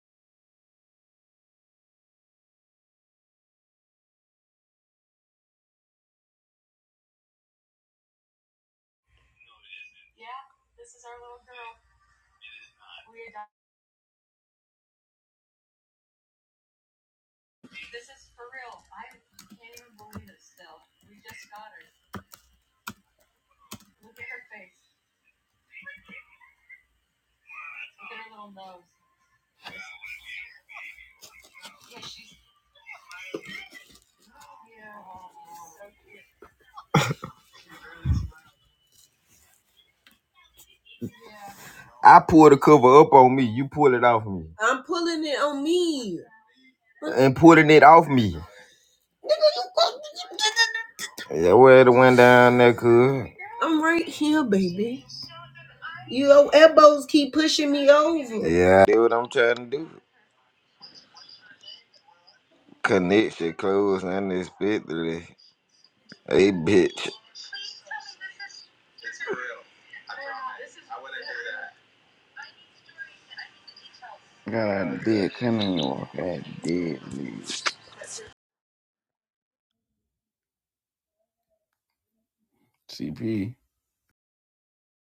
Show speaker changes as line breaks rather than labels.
I pull the cover up on me. You pull it off me. I'm pulling it on me. And pulling it off me. Yeah, where the one down there could. I'm right here, baby. Your elbows keep pushing me over. Yeah, that's what I'm trying to do. Connection close unexpectedly. Hey, bitch.
I got out of bed, couldn't even walk. I had to dead leaves. CP.